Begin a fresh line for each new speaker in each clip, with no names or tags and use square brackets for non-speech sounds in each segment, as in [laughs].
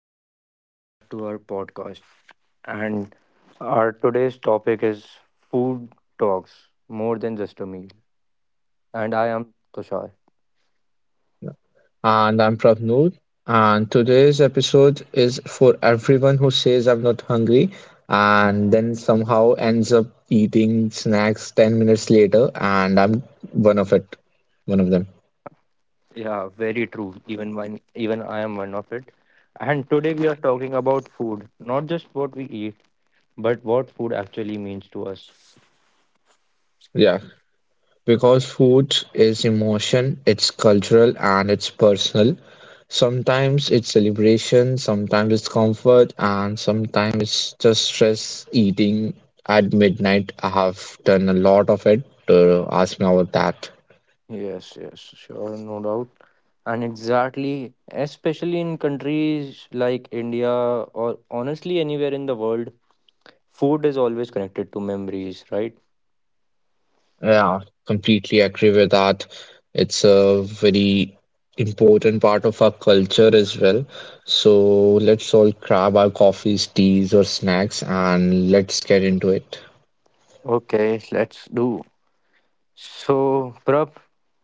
and welcome back to our podcast. And our today's topic is food talks more than just a meal. And I am Tushar.
Yeah. And I'm Prabnoor, and today's episode is for everyone who says I'm not hungry and then somehow ends up eating snacks 10 minutes later, and I'm one of it, one of them.
Yeah, very true. Even one, even I am one of it. And today we are talking about food, not just what we eat, but what food actually means to us.
Yeah. Because food is emotion, it's cultural and it's personal. Sometimes it's celebration, sometimes it's comfort, and sometimes it's just stress eating at midnight. I have done a lot of it. Ask me about that.
Yes, yes, sure, no doubt. And exactly, especially in countries like India or honestly anywhere in the world, food is always connected to memories, right?
Yeah, completely agree with that. It's a very important part of our culture as well. So let's all grab our coffees, teas, or snacks and let's get into it.
Okay, let's do. So, Prab,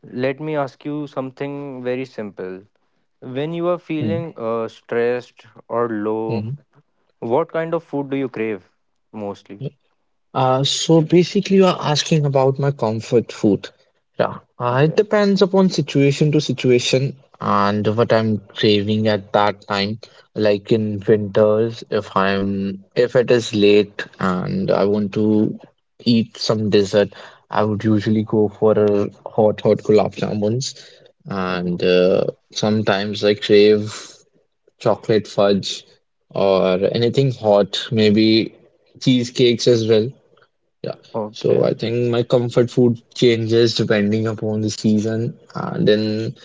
let me ask you something very simple. When you are
Hmm,
feeling stressed or low,
hmm.
what kind of food do you crave mostly?
So basically, you are asking about my comfort food. Yeah, it
Yes.
depends upon situation to situation and what I'm craving at that time. Like in winters, if it is late and I want to eat some dessert, I would usually go for a hot hot gulab jamuns,
Mm.
and sometimes I crave chocolate fudge or anything hot, maybe cheesecakes as well. Yeah. So I
Okay.
think my comfort food changes depending upon the season. And then,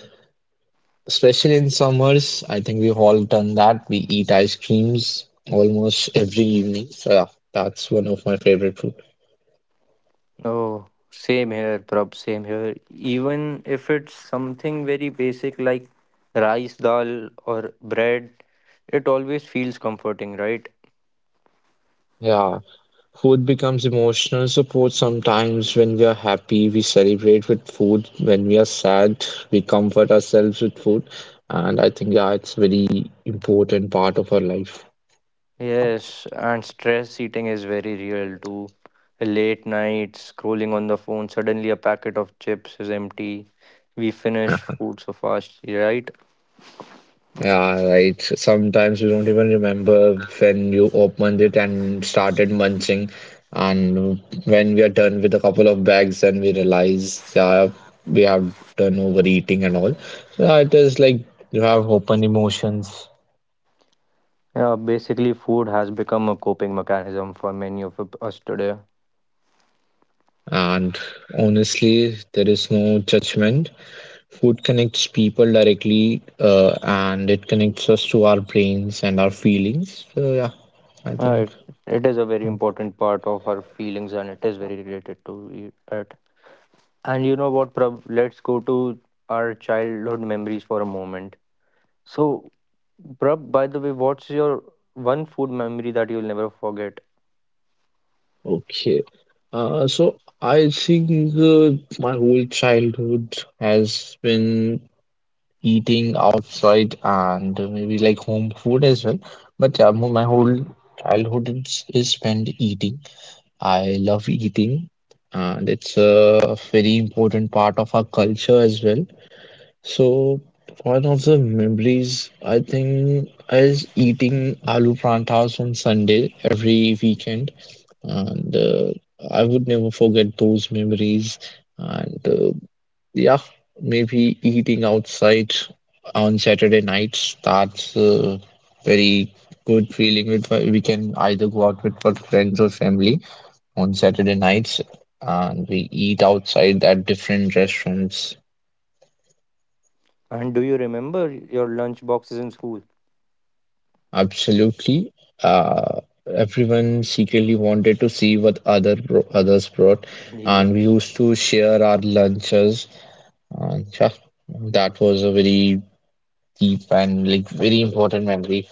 especially in summers, I think we've all done that. We eat ice creams almost every evening. So yeah, that's one of my favorite food.
Oh, same here, Prab, same here. Even if it's something very basic like rice, dal, or bread, it always feels comforting, right?
Yeah. Food becomes emotional support sometimes when we are happy, we celebrate with food. When we are sad, we comfort ourselves with food. And I think yeah, it's very important part of our life.
Yes, and stress eating is very real too. Late nights, scrolling on the phone, suddenly a packet of chips is empty. We finish food so fast, right?
Yeah, right. Sometimes you don't even remember when you opened it and started munching. And when we are done with a couple of bags, then we realize, yeah, we have done overeating and all. So yeah, it is like you have open emotions.
Yeah, basically, food has become a coping mechanism for many of us today.
And honestly, there is no judgment. Food connects people directly, and it connects us to our brains and our feelings. So yeah, I
Uh,
think.
it, it is a very important part of our feelings and it is very related to it. And you know what, Prab? Let's go to our childhood memories for a moment. So, Prab, by the way, what's your one food memory that you'll never forget?
Okay. So I think my whole childhood has been eating outside and maybe like home food as well. But yeah, my whole childhood is spent eating. I love eating, and it's a very important part of our culture as well. So one of the memories I think is eating aloo paranthas on Sunday every weekend, and I would never forget those memories. And yeah, maybe eating outside on Saturday nights that's a very good feeling. With we can either go out with our friends or family on Saturday nights, and we eat outside at different restaurants.
And do you remember your lunch boxes in school?
Absolutely. Uh, everyone secretly wanted to see what
Mm.
others brought, and we
Yes.
used to share our lunches. And yeah, that was a very deep and like very important memory.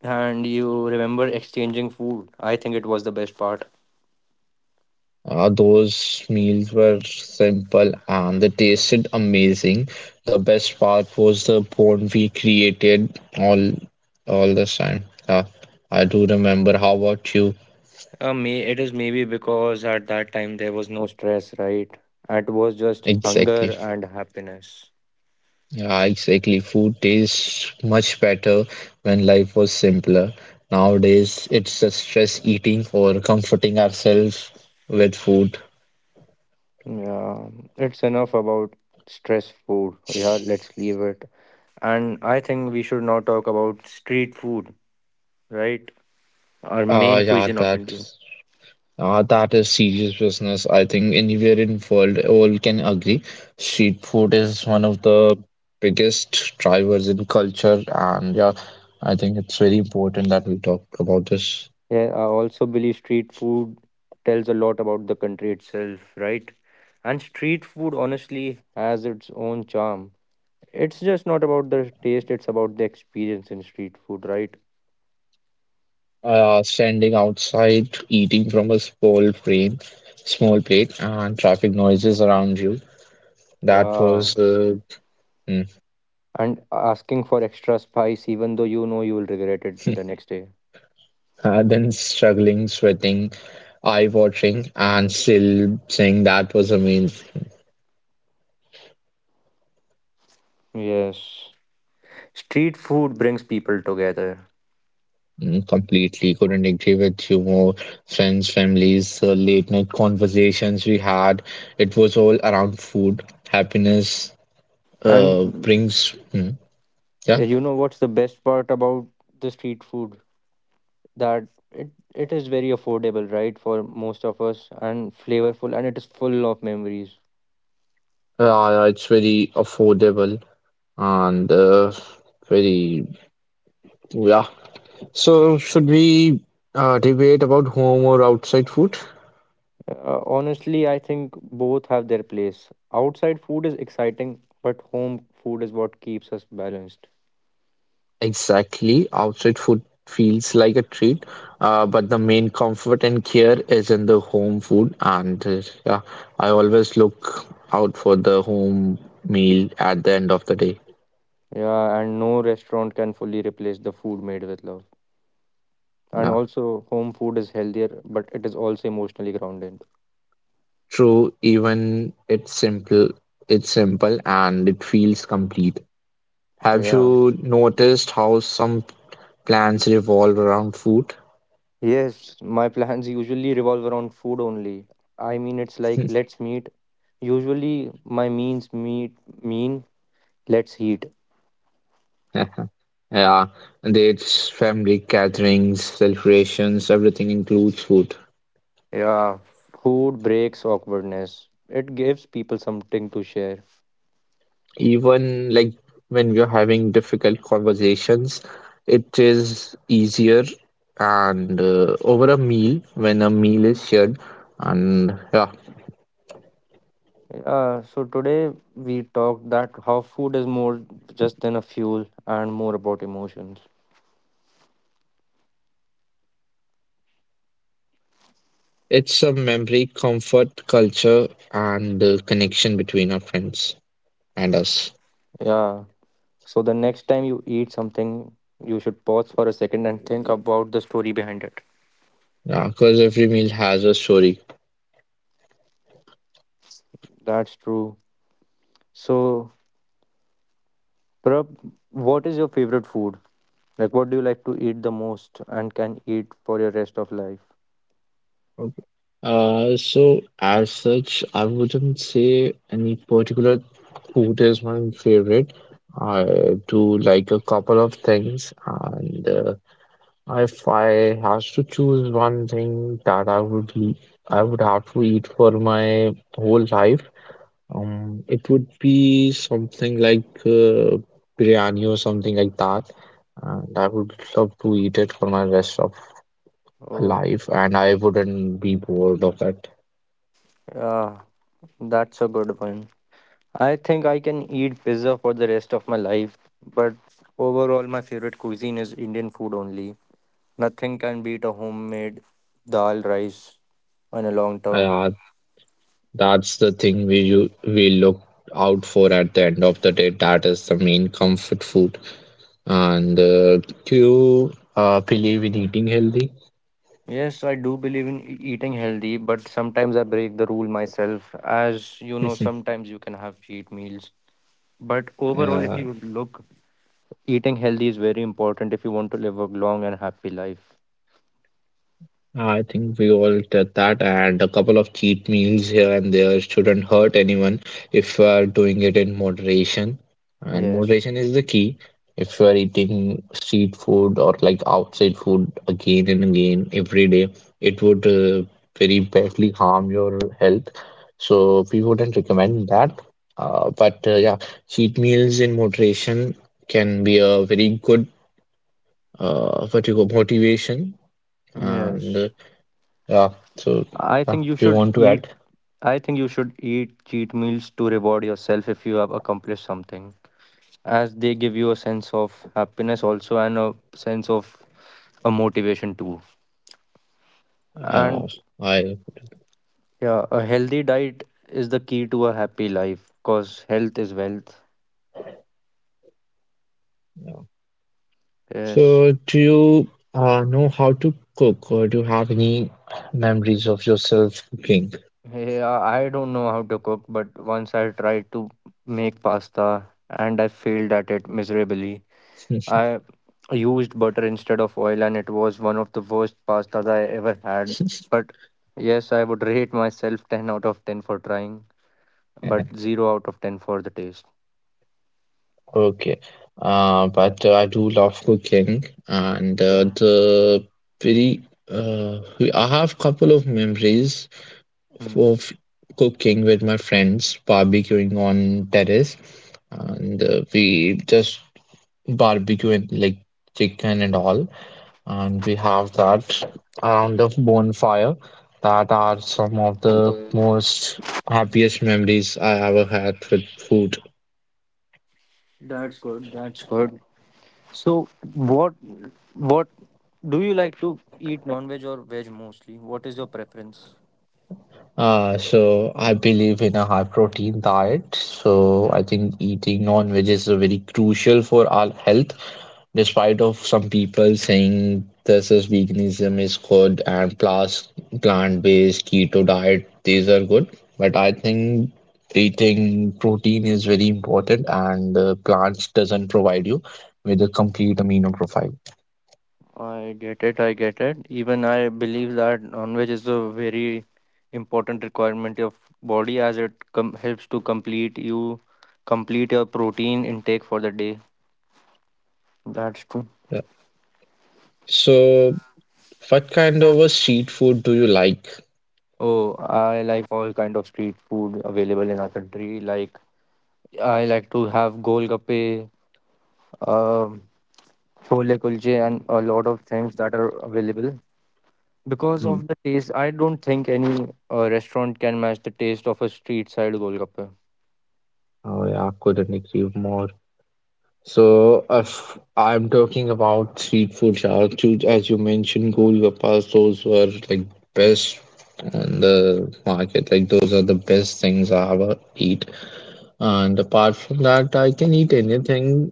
And you remember exchanging food? I think it was the best part.
Those meals were simple and they tasted amazing. The best part was the bond we created all this time. Yeah, I do remember. How about you?
May it is Maybe because at that time there was no stress, right? It was just hunger
Exactly.
and happiness.
Yeah, exactly. Food tastes much better when life was simpler. Nowadays, it's just stress eating or comforting ourselves with food.
Yeah, it's enough about stress food. Yeah, let's leave it. And I think we should now talk about street food, right? Our
Ah,
main
yeah,
cuisine of
that
India.
that is serious business. I think anywhere in world, all can agree. Street food is one of the biggest drivers in culture, and yeah, I think it's very important that we talk about this.
Yeah, I also believe street food tells a lot about the country itself, right? And street food honestly has its own charm. It's just not about the taste, it's about the experience in street food, right?
Standing outside, eating from a small frame, small plate, and traffic noises around you. That
Yeah.
was uh, mm,
And asking for extra spice, even though you know you will regret it the
[laughs]
next day.
and then struggling, sweating, eye watering, and still saying that was amazing.
Yes. Street food brings people together.
Mm, completely couldn't agree with you more. Friends, families, late night conversations we had. It was all around food. Happiness uh,
And
brings, mm, yeah,
you know what's the best part about the street food? That it is very affordable, right, for most of us, and flavorful, and it is full of memories.
it's very affordable and very yeah. So should we debate about home or outside food?
Honestly, I think both have their place. Outside food is exciting, but home food is what keeps us balanced.
Exactly, outside food feels like a treat, but the main comfort and care is in the home food. And yeah, I always look out for the home meal at the end of the day.
Yeah, and no restaurant can fully replace the food made with love. And
Yeah,
also, home food is healthier, but it is also emotionally grounded.
true. Even it's simple, and it feels complete. Have
Yeah.
you noticed how some plans revolve around food.
Yes, my plans usually revolve around food only. I mean, it's like let's meet. Usually, my means meet mean let's eat.
[laughs] Yeah, dates, family gatherings, celebrations, everything includes food.
Yeah, food breaks awkwardness. It gives people something to share.
Even like when we're having difficult conversations, it is easier and over a meal when a meal is shared. And yeah,
Yeah, so today we talked that how food is more just than a fuel and more about emotions.
it's a memory, comfort, culture, and connection between our friends and us.
Yeah. So the next time you eat something, you should pause for a second and think about the story behind it.
Yeah, because every meal has a story.
That's true. So, Prab, what is your favorite food? Like, what do you like to eat the most and can eat for your rest of life?
Okay. So as such, I wouldn't say any particular food is my favorite. I do like a couple of things, and if I has to choose one thing that I would have to eat for my whole life, it would be something like biryani or something like that, and I would love to eat it for my rest of
Oh,
life, and I wouldn't be bored of it.
yeah, that's a good one. I think I can eat pizza for the rest of my life, but overall, my favorite cuisine is Indian food only. Nothing can beat a homemade dal rice in a long term.
Yeah, that's the thing we look out for at the end of the day. That is the main comfort food. And do you believe in eating healthy?
Yes, I do believe in eating healthy, but sometimes I break the rule myself. As you know,
[laughs]
sometimes you can have cheat meals. But overall, if
Yeah,
you look, eating healthy is very important if you want to live a long and happy life.
I think we all did that, and a couple of cheat meals here and there shouldn't hurt anyone if you are doing it in moderation. And
Yes.
moderation is the key. If you are eating street food or like outside food again and again every day, it would very badly harm your health. So we wouldn't recommend that. But yeah, cheat meals in moderation can be a very good what you call motivation. And
Yes.
yeah. So,
I
yeah.
think you
Do you
should
want to
eat
add?
I think you should eat cheat meals to reward yourself if you have accomplished something, as they give you a sense of happiness also and a sense of a motivation too. And
Uh, I.
yeah, a healthy diet is the key to a happy life because health is wealth.
Yeah.
Yes.
So, do you know how to cook, or do you have any memories of yourself cooking?
Yeah, I don't know how to cook, but once I tried to make pasta and I failed at it miserably.
[laughs]
I used butter instead of oil, and it was one of the worst pastas I ever had. But yes, I would rate myself 10 out of 10 for trying, but 0 out of 10 for the taste.
Okay. But I do love cooking, and
Yeah.
very I have couple of memories
Hmm.
of cooking with my friends, barbecuing on terrace, and we just barbecue and like chicken and all and we have that around the bonfire that
Okay.
are some of the
Okay.
most happiest memories I ever had with food.
That's good. That's good. So, what what do you like to eat, non-veg or veg mostly? What is your preference?
So I believe in a high protein diet. So
Okay.
I think eating non-veg is very crucial for our health, despite of some people saying this is veganism is good and plus plant-based keto diet, these are good. But I think eating protein is very important and plants doesn't provide you with a complete amino profile.
I get it. I get it. Even I believe that non-veg is a very important requirement of body as it helps to complete your protein intake for the day. That's true.
Yeah. So, what kind of a street food do you like?
Oh, I like all kind of street food available in our country. Like, I like to have golgappe, um, chole kulche, and a lot of things that are available. Because
Hmm.
of the taste, I don't think any restaurant can match the taste of a street side golgappe.
Oh yeah, couldn't agree more. So if I'm talking about street food, yeah, as you mentioned, golgappas, those were like best on the market. Like those are the best things I ever eat. And apart from that, I can eat anything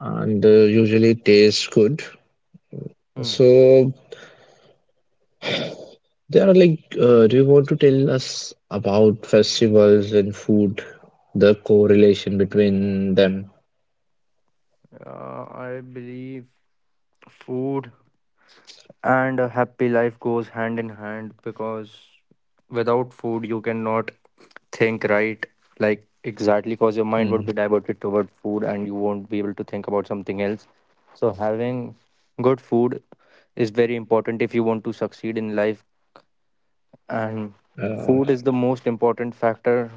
and usually it tastes good.
Hmm.
So there are like, do you want to tell us about festivals and food, the correlation between them?
I believe food and a happy life goes hand in hand because without food you cannot think right, like exactly, because your mind would be
Hmm.
diverted toward food and you won't be able to think about something else. So having good food is very important if you want to succeed in life, and
Uh,
food is the most important factor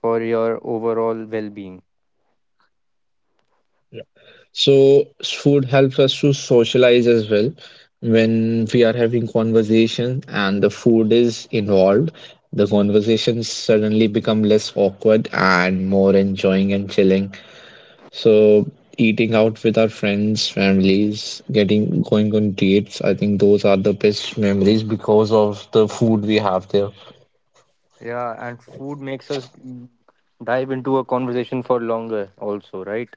for your overall well-being.
Food helps us to socialize as well. When we are having conversation and the food is involved, the conversations suddenly become less awkward and more enjoying and chilling. So eating out with our friends, families, getting going on dates, I think those are the best memories because of the food we have there.
Yeah, and food makes us dive into a conversation for longer, also, right?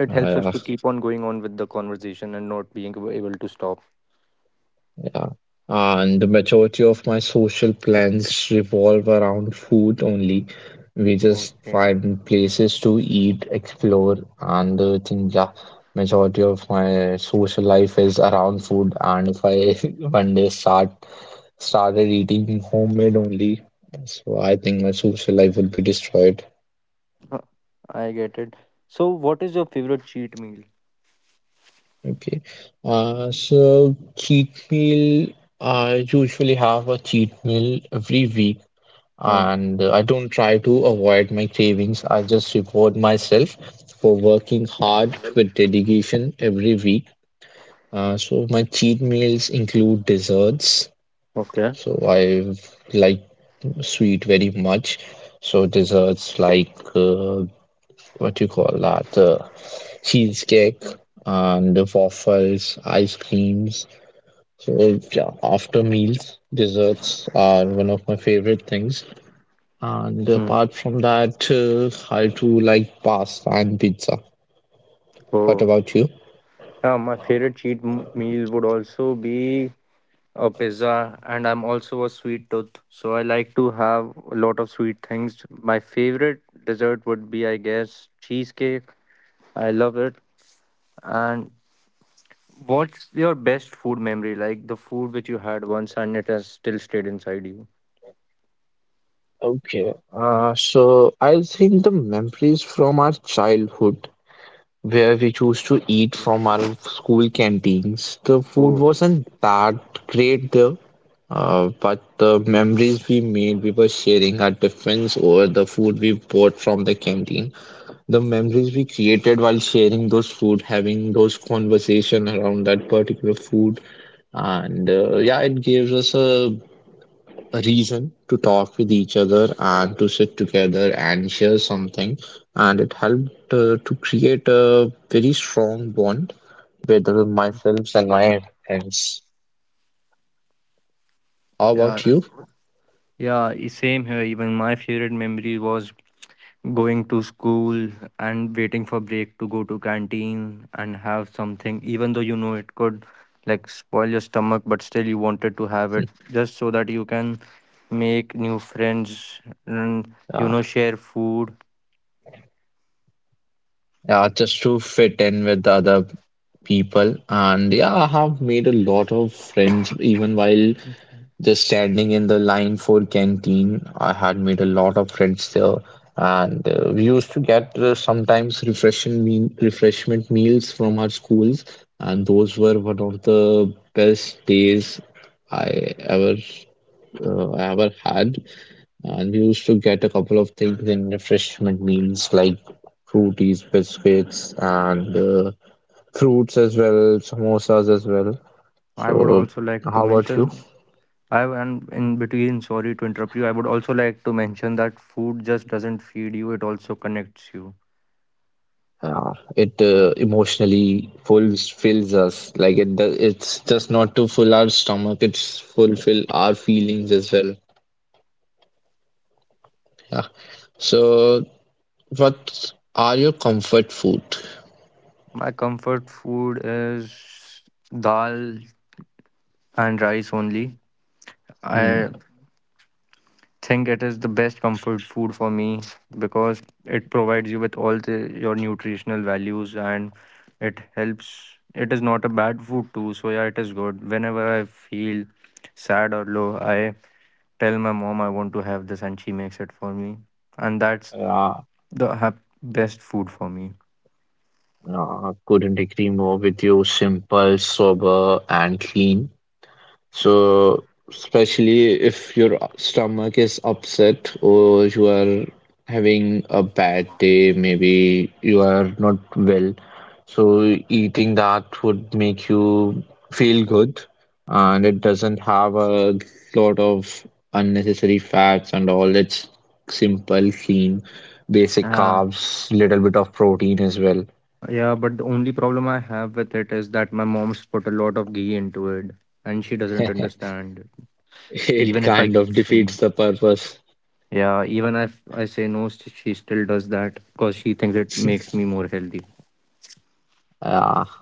It helps
Uh,
us
yeah,
to keep on going on with the conversation and not being able to stop.
yeah. And the majority of my social plans revolve around food only. We just
Okay.
find places to eat, explore, and think, yeah, majority of my social life is around food. And if I [laughs] one day start started eating homemade only. So I think my social life would be destroyed.
Huh, I get it. So, what is your favorite cheat meal?
Okay. So cheat meal, I usually have a cheat meal every week,
Hmm.
and I don't try to avoid my cravings. I just reward myself for working hard with dedication every week. So my cheat meals include desserts.
Okay.
So I like sweet very much. So desserts like what you call that cheesecake and the waffles ice creams. So yeah, after meals desserts are one of my favorite things, and
Hmm.
apart from that I do like pasta and pizza. What
Oh,
about you?
yeah, my favorite cheat meal would also be a pizza, and I'm also a sweet tooth, so I like to have a lot of sweet things. My favorite dessert would be, I guess, cheesecake. I love it. And what's your best food memory? Like the food which you had once and it has still stayed inside you.
Okay. So I think the memories from our childhood where we choose to eat from our school canteens. The food
Oh,
wasn't that great there, but the memories we made, we were sharing our difference over the food we bought from the canteen. The memories we created while sharing those food, having those conversation around that particular food, and yeah, it gives us a reason to talk with each other and to sit together and share something. And it helped to create a very strong bond with myself and my friends. How about
yeah.
you?
Yeah, same here. Even my favorite memory was going to school and waiting for break to go to canteen and have something, even though you know it could like spoil your stomach, but still you wanted to have it just so that you can make new friends and you
Yeah,
know share food.
yeah, just to fit in with the other people. And yeah, I have made a lot of friends even while just standing in the line for canteen, I had made a lot of friends there, and we used to get sometimes refreshment meals from our schools, and those were one of the best days I ever I ever had. And we used to get a couple of things in refreshment meals like fruities, biscuits, and fruits as well, samosas as well.
I would
So,
also like to
how about you?
mention. I am in between, sorry to interrupt you. I would also like to mention that food just doesn't feed you, it also connects you.
It
Yeah.
emotionally fulfills us. Like it, does. It's just not to fill our stomach; it's fulfill our feelings as well. Yeah. So, what are your comfort food?
My comfort food is dal and rice only.
Mm,
I think it is the best comfort food for me because it provides you with all the, your nutritional values and it helps. It is not a bad food too, so yeah, it is good. Whenever I feel sad or low, I tell my mom I want to have this and she makes it for me. And that's
Yeah,
the best food for me.
no, I couldn't agree more with you. Simple, sober, and clean. So, especially if your stomach is upset or you are having a bad day, maybe you are not well. So, eating that would make you feel good and it doesn't have a lot of unnecessary fats and all. It's simple, clean, basic
Yeah.
carbs, little bit of protein as well.
Yeah, but the only problem I have with it is that my mom's put a lot of ghee into it and she doesn't
[laughs]
understand it.
It
Even if I
kind of
say no.
defeats the purpose.
Yeah, even if I say no, she still does that because she thinks it makes me
[laughs]
more healthy.
Yeah.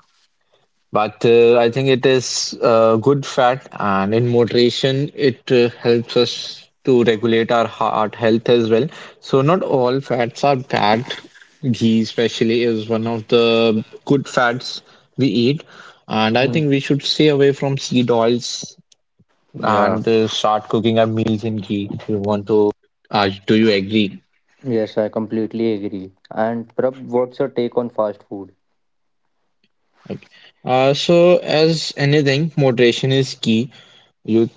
But I think it is good fat, and in moderation, it helps us to regulate our heart health as well. So, not all fats are bad. Ghee, especially, is one of the good fats we eat. And I
Mm.
think we should stay away from seed oils
Yeah.
and start cooking our meals in ghee if you want to. Do you agree?
Yes, I completely agree. And Prab, what's your take on fast food?
So, as anything, moderation is key. You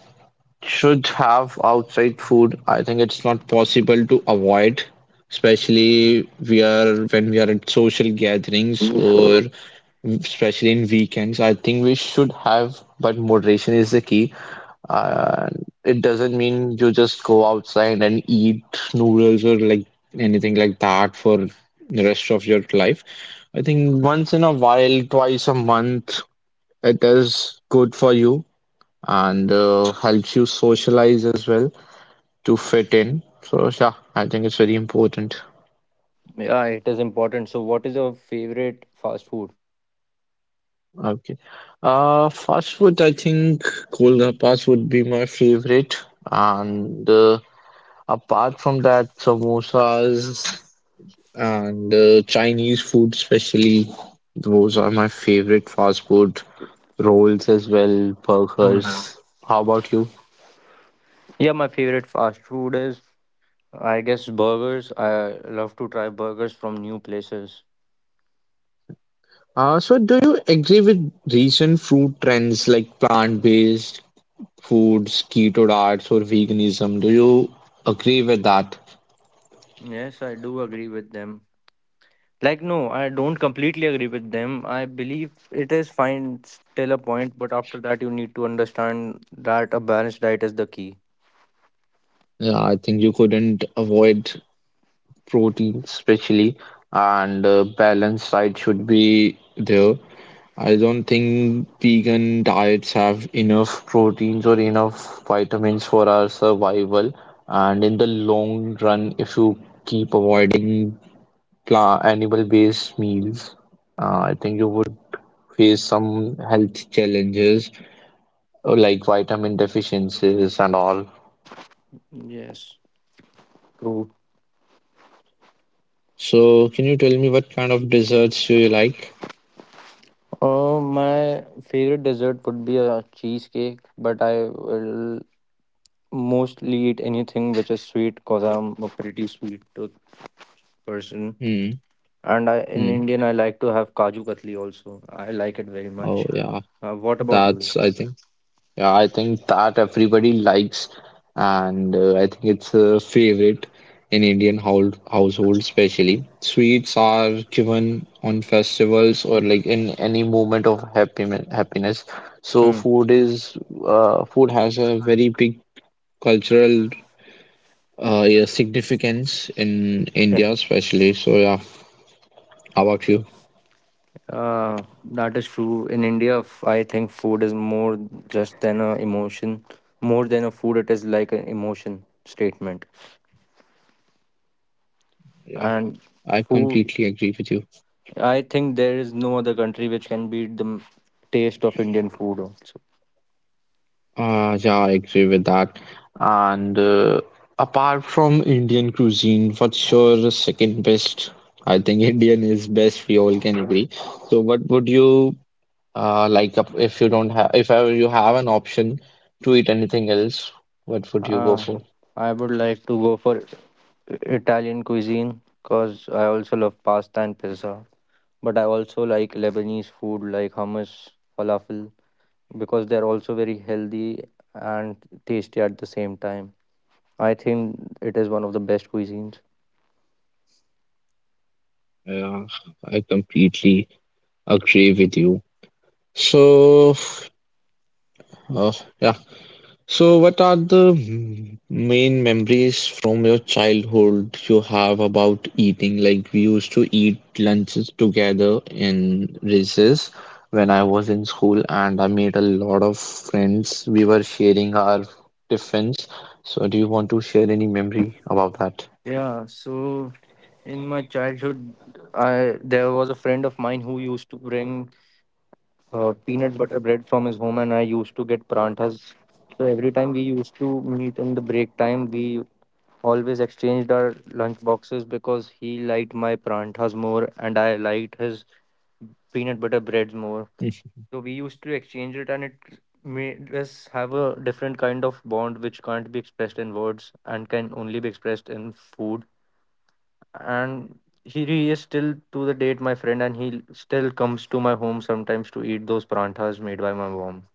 should have outside food. I think it's not possible to avoid, especially we are when we are at social gatherings or especially in weekends. I think we should have, but moderation is the key. Uh, it doesn't mean you just go outside and eat noodles or like anything like that for the rest of your life. I think once in a while, twice a month, it is good for you and helps you socialize as well to fit in. So yeah, I think it's very important.
Yeah, it is important. So, what is your favorite fast food?
Okay. Fast food, I think Golgappas would be my favorite, and apart from that, samosas and Chinese food, especially those are my favorite fast food. Rolls as well,
Mhm.
burgers. How about you?
Yeah, my favorite fast food is, I guess, burgers. I love to try burgers from new places.
So do you agree with recent food trends like plant-based foods, keto diets, or veganism. Do you agree with that?
Yes, I do agree with them. Like, no, I don't completely agree with them. I believe it is fine till a point, but after that, you need to understand that a balanced diet is the key.
Yeah, I think you couldn't avoid protein, especially, and balanced diet should be there. I don't think vegan diets have enough proteins or enough vitamins for our survival. And in the long run, if you keep avoiding plant animal-based meals, I think you would face some health challenges. Oh, like vitamin deficiencies and all.
Yes, true.
So, can you tell me what kind of desserts do you like?
My favorite dessert would be a cheesecake, but I will mostly eat anything which is sweet because I'm a pretty sweet tooth person.
Hmm.
In
Hmm.
Indian, I like to have Kaju Katli also. I like it very
Oh,
much.
yeah.
What about you?
That's, I think, yeah, I think that everybody likes, and I think it's a favorite in Indian hou- household, especially. Sweets are given on festivals or like in any moment of happiness. Happiness. So,
Hmm.
food is, food has a very big cultural yeah, significance in India, especially. So, yeah, how about you?
Uh, that is true. In India, I think food is more just than a emotion. More than a food, it is like an emotion statement.
Yeah,
And
I
food,
completely agree with you.
I think there is no other country which can beat the taste of Indian food also.
Yeah, I agree with that. And apart from Indian cuisine, what's your second best? I think [laughs] Indian is best. We all can agree. So, what would you like up if ever you have an option to eat anything else? What would you go
Uh,
for?
I would like to go for Italian cuisine because I also love pasta and pizza. But I also like Lebanese food like hummus, falafel, because they're also very healthy and tasty at the same time. I think it is one of the best cuisines.
Yeah, I completely agree with you. So, Uh, yeah. So, what are the m- main memories from your childhood you have about eating? Like, we used to eat lunches together in recess when I was in school, and I made a lot of friends. We were sharing our tiffins. So, do you want to share any memory about that?
Yeah, so in my childhood, I there was a friend of mine who used to bring peanut butter bread from his home, and I used to get paranthas. So every time we used to meet in the break time, we always exchanged our lunch boxes because he liked my paranthas more, and I liked his peanut butter breads more. So we used to exchange it, and it made us have a different kind of bond which can't be expressed in words and can only be expressed in food. And he is still to the date my friend, and he still comes to my home sometimes to eat those paranthas made by my mom.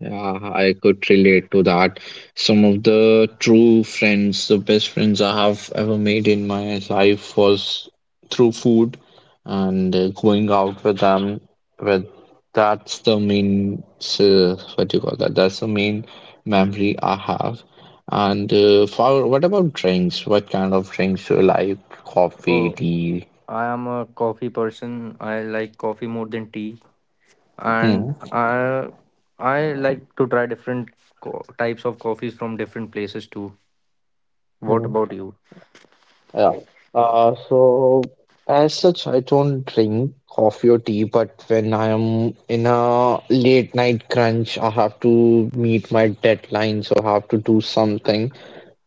Yeah, I could relate to that. Some of the true friends, the best friends I have ever made in my life was through food and going out with them. With That's the main, what do you call that? That's the main memory I have. And for what about drinks? What kind of drinks do you like? Coffee,
Oh,
tea?
I am a coffee person. I like coffee more than tea, and
Hmm.
I like to try different types of coffees from different places too. What about you?
Yeah. So as such, I don't drink coffee or tea, but when I am in a late night crunch, I have to meet my deadlines or have to do something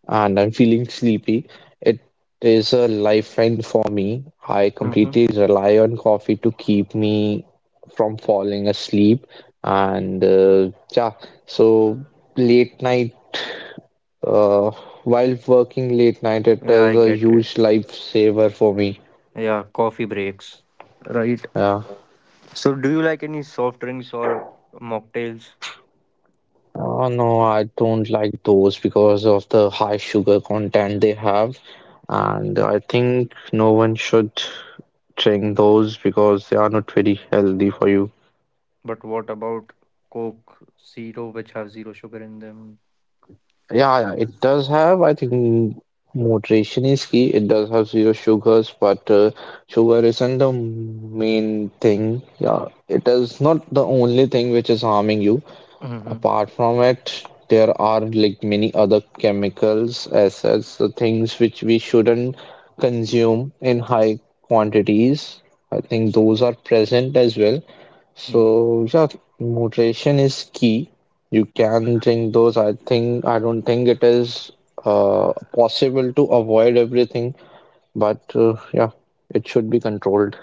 and I'm feeling sleepy. It is a lifeline for me. I
Mhm.
completely rely on coffee to keep me from falling asleep. And yeah, so late night uh, while working late night, it
Yeah,
is
I
a
get it.
huge lifesaver for me.
Yeah, coffee breaks. Right.
Yeah.
So, do you like any soft drinks or mocktails?
Oh no, I don't like those because of the high sugar content they have, and I think no one should drink those because they are not very healthy for you.
But what about Coke Zero, which have zero sugar in them?
Yeah, yeah, it does have, I think, moderation is key. It does have zero sugars, but sugar isn't the main thing. Yeah, it is not the only thing which is harming you.
Mm-hmm.
Apart from it, there are like many other chemicals, acids, the things which we shouldn't consume in high quantities. I think those are present as well.
Mm-hmm.
So yeah, moderation is key. You can drink those. I don't think it is possible to avoid everything, but yeah, it should be controlled.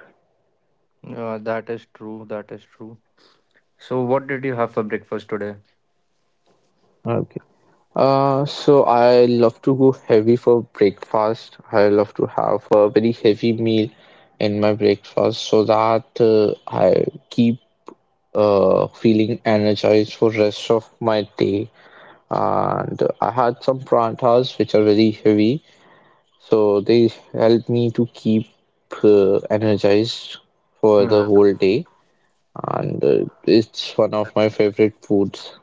Yeah, that is true. That is true. So, what did you have for breakfast today?
Uh, so I love to go heavy for breakfast. I love to have a very heavy meal in my breakfast so that I keep feeling energized for rest of my day. And I had some prantas which are very heavy, so they help me to keep energized for
Hmm.
the whole day. And it's one of my favorite foods.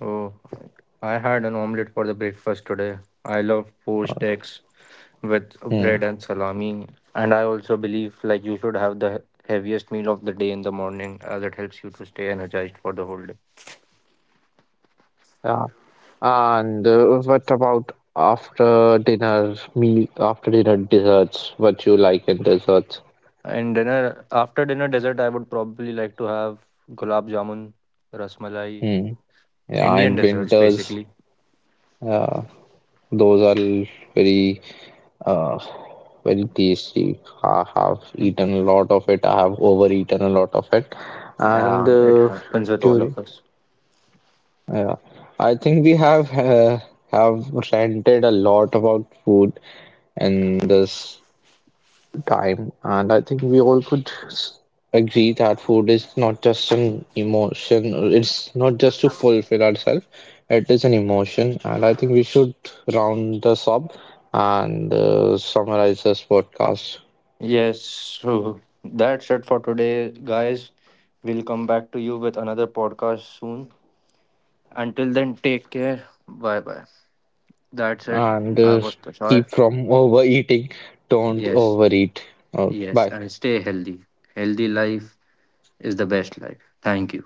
Oh, I had an omelette for the breakfast today. I love poached eggs with
Hmm.
bread and salami. And I also believe like you should have the heaviest meal of the day in the morning as it helps you to stay energized for the whole day.
Yeah. And what about after dinner meal, after dinner desserts? What you like in desserts?
And dinner after dinner dessert I would probably like to have gulab jamun, rasmalai,
Hmm. Yeah,
Indian
in
desserts
winters,
basically.
uh, those are l- very uh, very tasty. I have eaten a lot of it. I have overeaten a lot of it. And
Yeah, it happens with all
during,
of us.
yeah, I think we have ranted a lot about food in this time, and I think we all could agree that food is not just an emotion, it's not just to fulfill ourselves, it is an emotion, and I think we should round this up and summarize this podcast
Yes, so that's it for today, guys. We'll come back to you with another podcast soon. Until then, take care. Bye bye. That's it.
and
I was Tushar.
keep from [laughs] overeating, don't
Yes.
overeat. Okay,
Yes,
bye.
and stay healthy. Healthy life is the best life. Thank you.